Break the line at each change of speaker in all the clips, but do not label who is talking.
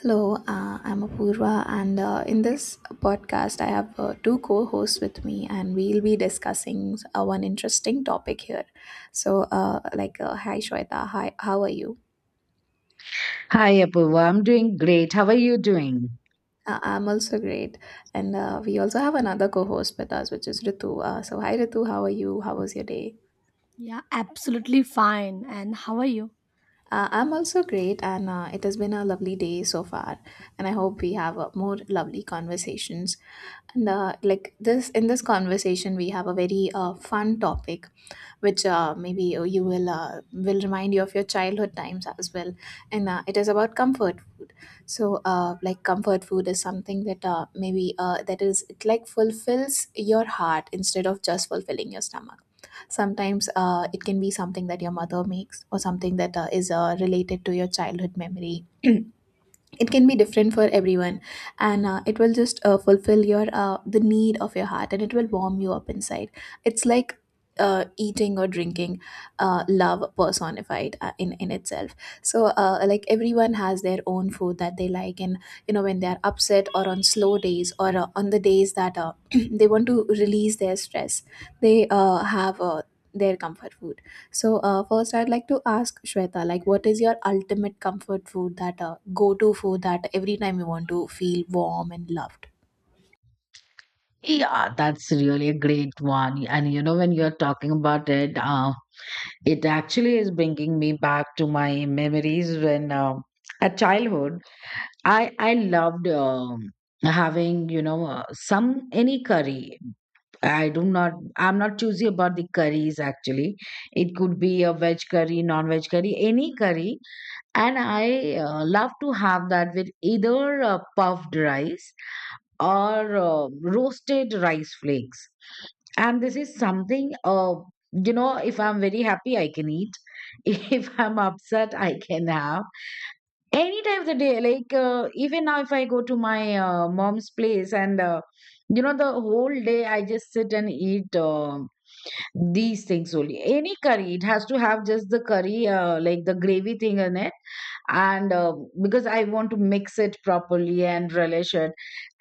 Hello, I'm Apurva, and in this podcast, I have two co hosts with me, and we'll be discussing one interesting topic here. So, like, hi Shweta, hi, how are you?
Hi, Apurva. I'm doing great. How are you doing?
I'm also great. And we also have another co host with us, which is Ritu. So, hi Ritu, how are you? How was your day?
Yeah, absolutely fine. And how are you?
I'm also great, and it has been a lovely day so far. And I hope we have more lovely conversations. And like this, in this conversation, we have a very fun topic, which maybe you will remind you of your childhood times as well. And it is about comfort. So like, comfort food is something that maybe that is it like fulfills your heart instead of just fulfilling your stomach. Sometimes it can be something that your mother makes or something that is related to your childhood memory. It can be different for everyone, and it will just fulfill your the need of your heart, and it will warm you up inside. It's like eating or drinking love personified in itself. So like, everyone has their own food that they like, and you know when they are upset or on slow days, or on the days that they want to release their stress, they have their comfort food. So first, I'd like to ask Shweta, like what is your ultimate comfort food, that go to food that every time you want to feel warm and loved.
Yeah, that's really a great one. And you know, when you're talking about it, it actually is bringing me back to my memories when at childhood, I loved having some any curry. I do not. I'm not choosy about the curries actually. It could be a veg curry, non-veg curry, any curry, and I love to have that with either puffed rice or roasted rice flakes. And this is something, you know, if I'm very happy, I can eat. If I'm upset, I can have. Any time of the day, like even now, if I go to my mom's place and the whole day I just sit and eat these things only. Any curry, it has to have just the curry, like the gravy thing in it and because I want to mix it properly and relish it,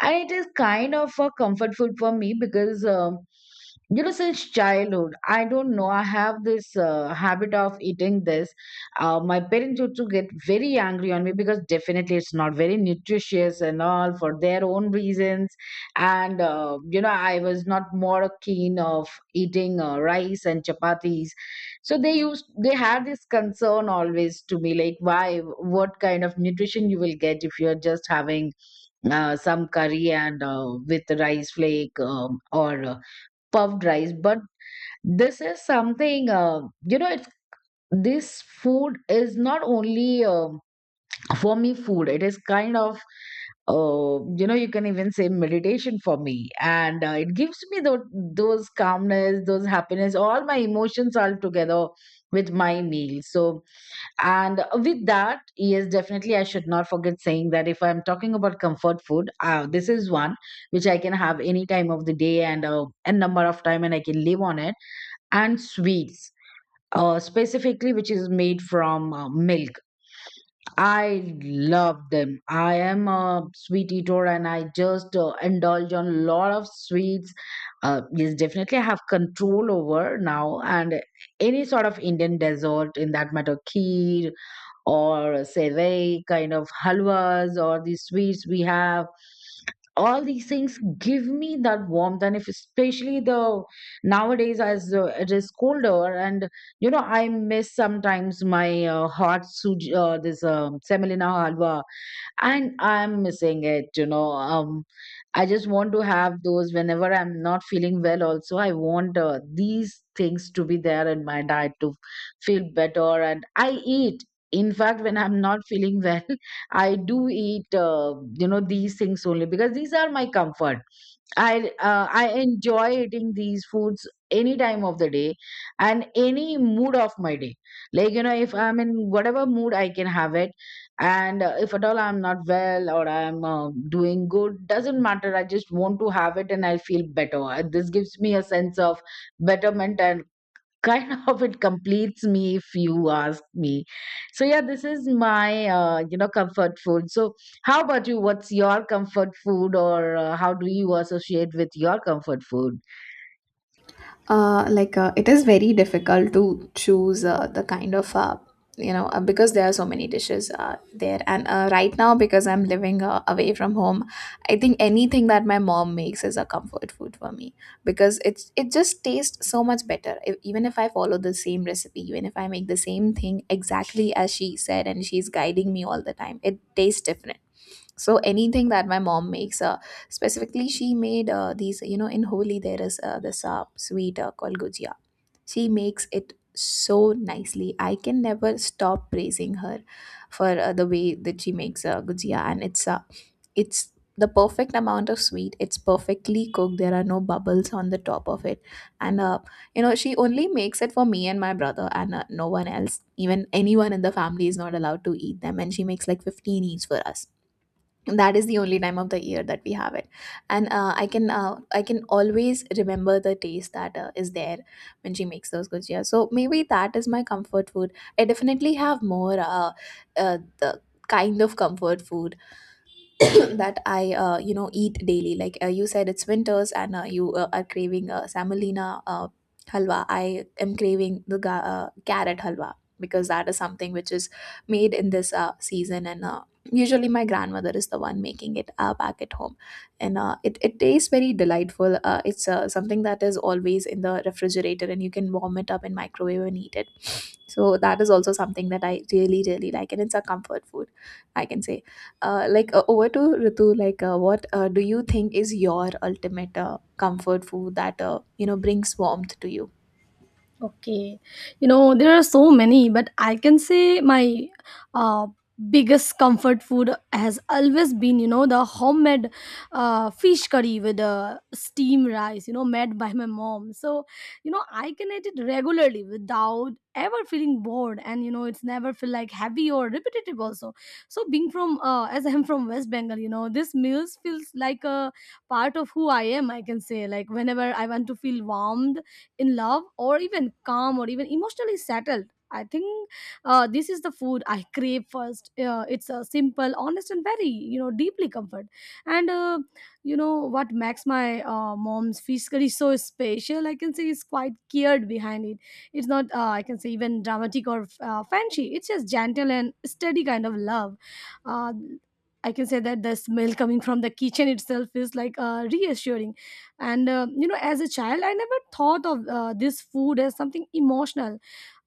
and it is kind of a comfort food for me because you know, since childhood, I don't know, I have this habit of eating this. My parents used to get very angry on me because definitely it's not very nutritious and all, for their own reasons. And you know, I was not more keen of eating rice and chapatis, so they had this concern always to me, like why, what kind of nutrition you will get if you're just having some curry and with rice flake or puffed rice. But this is something, you know, this food is not only for me food, it is kind of, you know, you can even say meditation for me, and it gives me those calmness, those happiness, all my emotions all together with my meal. So, and with that, yes, definitely, I should not forget saying that if I'm talking about comfort food, this is one which I can have any time of the day, and a number of time, and I can live on it. And sweets, specifically, which is made from milk. I love them. I am a sweet eater, and I just indulge on a lot of sweets. Yes, definitely, I have control over now, and any sort of Indian dessert, in that matter, kheer or sevai kind of halwas or the sweets we have, all these things give me that warmth. And if, especially, the nowadays, as it is colder, and you know, I miss sometimes my hot suji, this, semolina halwa, and I'm missing it, I just want to have those. Whenever I'm not feeling well also, I want these things to be there in my diet to feel better. And I eat, in fact, when I'm not feeling well, I do eat, these things only, because these are my comfort. I enjoy eating these foods any time of the day and any mood of my day. Like you know, if I'm in whatever mood, I can have it. And if at all I'm not well or I'm doing good, doesn't matter. I just want to have it and I feel better. This gives me a sense of betterment, and kind of it completes me, if you ask me. So yeah, this is my, comfort food. So how about you? What's your comfort food, or how do you associate with your comfort food?
Like, it is very difficult to choose the kind of, because there are so many dishes there. And right now, because I'm living away from home, I think anything that my mom makes is a comfort food for me, because it just tastes so much better. Even if I follow the same recipe, even if I make the same thing exactly as she said, and she's guiding me all the time, it tastes different. So anything that my mom makes, specifically she made these, you know, in Holi there is this sweet called gujia. She makes it so nicely, I can never stop praising her for the way that she makes gujia. And it's the perfect amount of sweet, it's perfectly cooked, there are no bubbles on the top of it. And you know, she only makes it for me and my brother, and no one else, even anyone in the family is not allowed to eat them, and she makes like 15 each for us. That is the only time of the year that we have it, and I can always remember the taste that is there when she makes those gujias, so maybe that is my comfort food. I definitely have more, the kind of comfort food that I, eat daily. Like you said, it's winters, and you are craving semolina halwa. I am craving the carrot halwa, because that is something which is made in this season, and usually my grandmother is the one making it back at home. And it tastes very delightful, it's something that is always in the refrigerator and you can warm it up in microwave and eat it. So that is also something that I really really like, and it's a comfort food, I can say. Like, over to Ritu, like what do you think is your ultimate comfort food that brings warmth to you?
Okay. You know, there are so many, but I can say my uh, biggest comfort food has always been, you know, the homemade fish curry with steam rice, you know, made by my mom. So, you know, I can eat it regularly without ever feeling bored, and you know it's never feel like heavy or repetitive also. So being from as I'm from West Bengal, you know this meals feels like a part of who I am. I can say like whenever I want to feel warmed in love or even calm or even emotionally settled, I think this is the food I crave first. It's a simple, honest, and very you know deeply comfort. And you know what makes my mom's fish curry so special? I can say is quite cared behind it. It's not I can say even dramatic or fancy. It's just gentle and steady kind of love. Uh, I can say that the smell coming from the kitchen itself is like reassuring. And you know, as a child I never thought of this food as something emotional.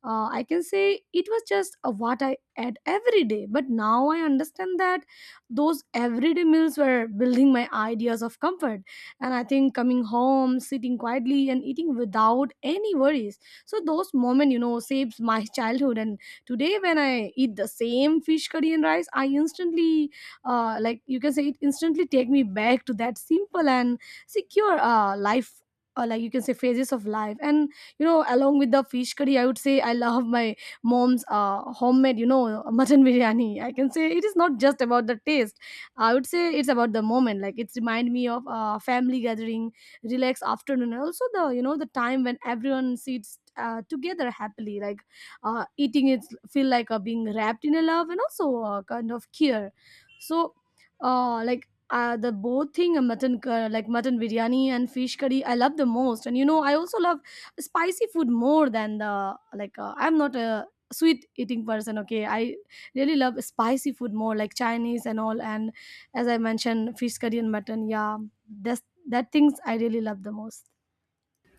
I can say it was just what I ate every day, but now I understand that those everyday meals were building my ideas of comfort. And I think coming home, sitting quietly, and eating without any worries, so those moments you know saves my childhood. And today when I eat the same fish curry and rice, I instantly like you can say it instantly take me back to that simple and secure life, or like you can say phases of life. And you know, along with the fish curry, I would say I love my mom's homemade, you know, mutton biryani. I can say it is not just about the taste. I would say it's about the moment, like it's remind me of family gathering, relaxed afternoon, and also the, you know, the time when everyone sits together happily. Like eating it feel like being wrapped in a love and also kind of care. So the both thing, like mutton biryani and fish curry, I love the most. And you know, I also love spicy food more than the, like, I'm not a sweet eating person. Okay, I really love spicy food more, like Chinese and all. And as I mentioned, fish curry and mutton, yeah, that's that things I really love the most.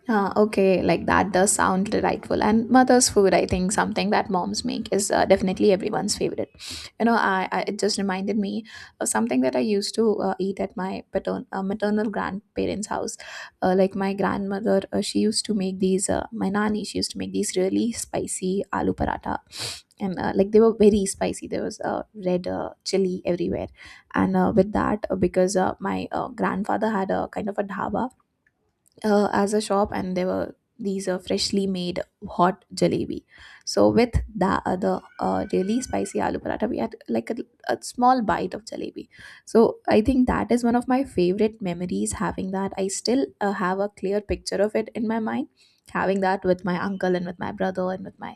Ah, okay, like that does sound delightful. And mother's food, I think something that moms make is definitely everyone's favorite. You know, I it just reminded me of something that I used to eat at my maternal grandparents' house. Like, my grandmother, she used to make these. My nani, she used to make these really spicy aloo paratha, and like, they were very spicy. There was red chili everywhere, and with that, because my grandfather had a kind of a dhaba as a shop, and there were these freshly made hot jalebi. So with the really spicy aloo paratha, we had like a small bite of jalebi. So I think that is one of my favorite memories, having that. I still have a clear picture of it in my mind, having that with my uncle and with my brother and with my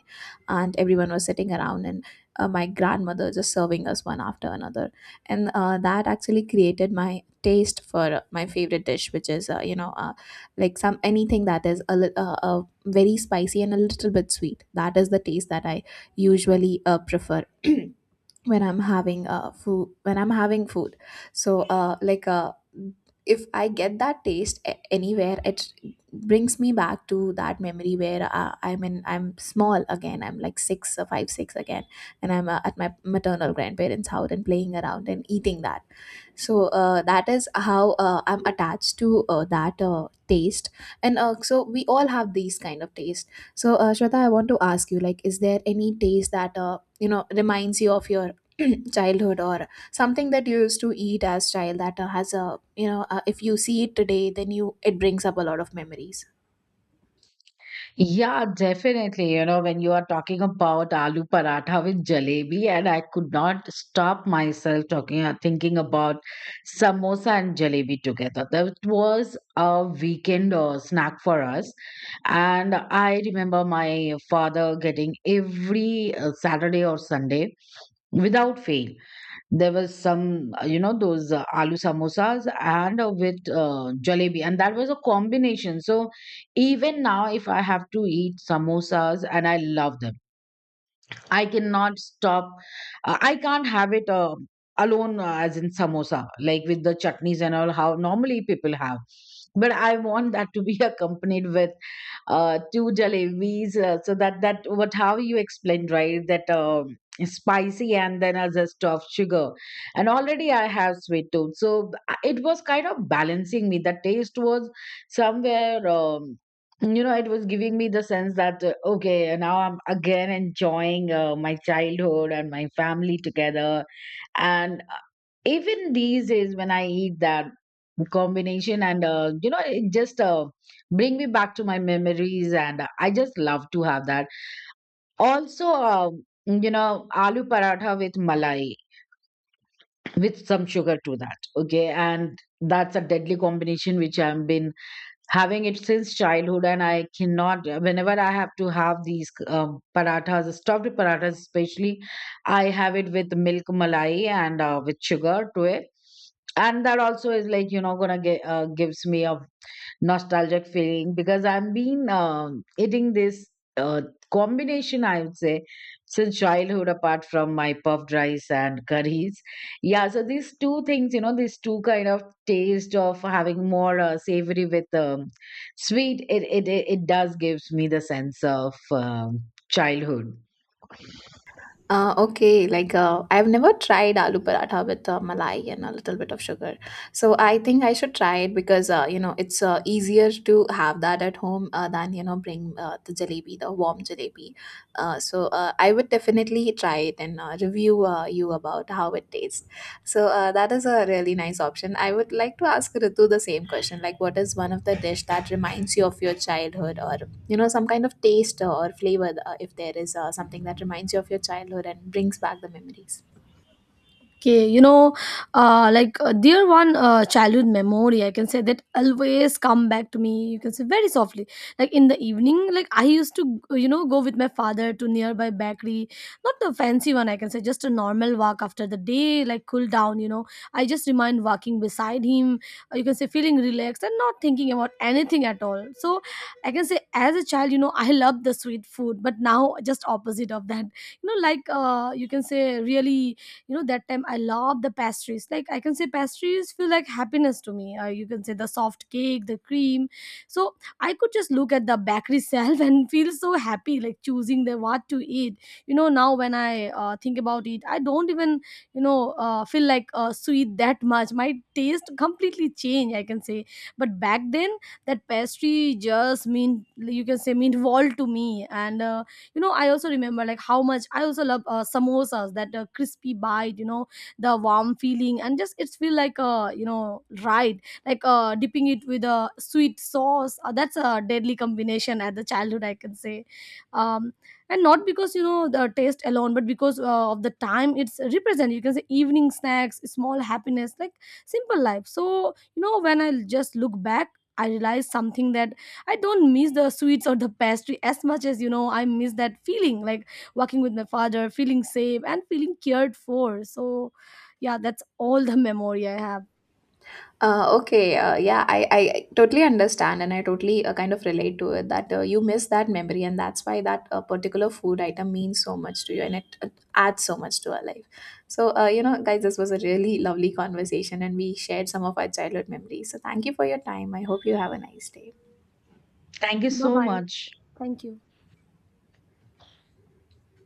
aunt, everyone was sitting around, and my grandmother just serving us one after another. And that actually created my taste for my favorite dish, which is like, some, anything that is very spicy and a little bit sweet. That is the taste that I usually prefer when I'm having food. So like if I get that taste anywhere, it brings me back to that memory where I'm small again. I'm like six or five six again, and I'm at my maternal grandparents' house and playing around and eating that. So that is how I'm attached to that taste, and so we all have these kind of taste. So Shweta, I want to ask you, like, is there any taste that reminds you of your childhood, or something that you used to eat as child that has a, if you see it today, then you it brings up a lot of memories?
Yeah, definitely. You know, when you are talking about aloo paratha with jalebi, and I could not stop myself talking, thinking about samosa and jalebi together. That was a weekend snack for us. And I remember my father getting every Saturday or Sunday without fail. There was some, those aloo samosas and with jalebi, and that was a combination. So even now, if I have to eat samosas, and I love them, I cannot stop. I can't have it alone, as in samosa, like with the chutneys and all. How normally people have, but I want that to be accompanied with two jalebis. So that that, what how you explained right, that spicy and then a zest of sugar, and already I have sweet tooth. So I- it was kind of balancing me. The taste was somewhere. You know, it was giving me the sense that, okay, now I'm again enjoying my childhood and my family together. And even these days when I eat that combination, and you know, it just bring me back to my memories, and I just love to have that. Also, you know, aloo paratha with malai, with some sugar to that, okay. And that's a deadly combination, which I've been having it since childhood, and I cannot, whenever I have to have these parathas stuffed parathas especially, I have it with milk malai and with sugar to it. And that also is like, you know, gonna get gives me a nostalgic feeling, because I've been eating this uh, combination, I would say, since childhood, apart from my puffed rice and curries. Yeah, so these two things, you know, these two kind of taste of having more savory with sweet, it does gives me the sense of childhood.
Okay, like I've never tried aloo paratha with malai and a little bit of sugar. So I think I should try it, because it's easier to have that at home than bring the jalebi, the warm jalebi. So I would definitely try it and review you about how it tastes. So that is a really nice option. I would like to ask Ritu the same question. Like, what is one of the dish that reminds you of your childhood, or some kind of taste or flavor, if there is something that reminds you of your childhood and brings back the memories?
Okay, you know, dear one childhood memory, I can say that always come back to me. You can say very softly, like in the evening, like I used to, you know, go with my father to nearby bakery, not the fancy one. I can say just a normal walk after the day, like cool down. You know, I just remind walking beside him. You can say feeling relaxed and not thinking about anything at all. So I can say as a child, you know, I loved the sweet food, but now just opposite of that. You know, like you can say really, you know, that time I love the pastries. Like I can say pastries feel like happiness to me, or you can say the soft cake, the cream. So I could just look at the bakery shelf and feel so happy, like choosing the what to eat. You know, now when I think about it, I don't even, you know, feel like sweet that much. My taste completely changed, I can say. But back then, that pastry just mean, you can say, mean world to me. And you know, I also remember like how much I also love samosas. That crispy bite, you know, the warm feeling, and just it's feel like you know right, like dipping it with a sweet sauce. That's a deadly combination at the childhood, I can say. Um, and not because you know the taste alone, but because of the time it's represent. You can say evening snacks, small happiness, like simple life. So you know, when I just look back, I realize something, that I don't miss the sweets or the pastry as much as, you know, I miss that feeling, like walking with my father, feeling safe and feeling cared for. So yeah, that's all the memory I have.
Okay, yeah, I totally understand, and I totally kind of relate to it, that you miss that memory, and that's why that particular food item means so much to you, and it adds so much to our life. So, you know, guys, this was a really lovely conversation, and we shared some of our childhood memories. So, thank you for your time. I hope you have a nice day.
Thank you
Bye
so
bye.
much.
Thank you.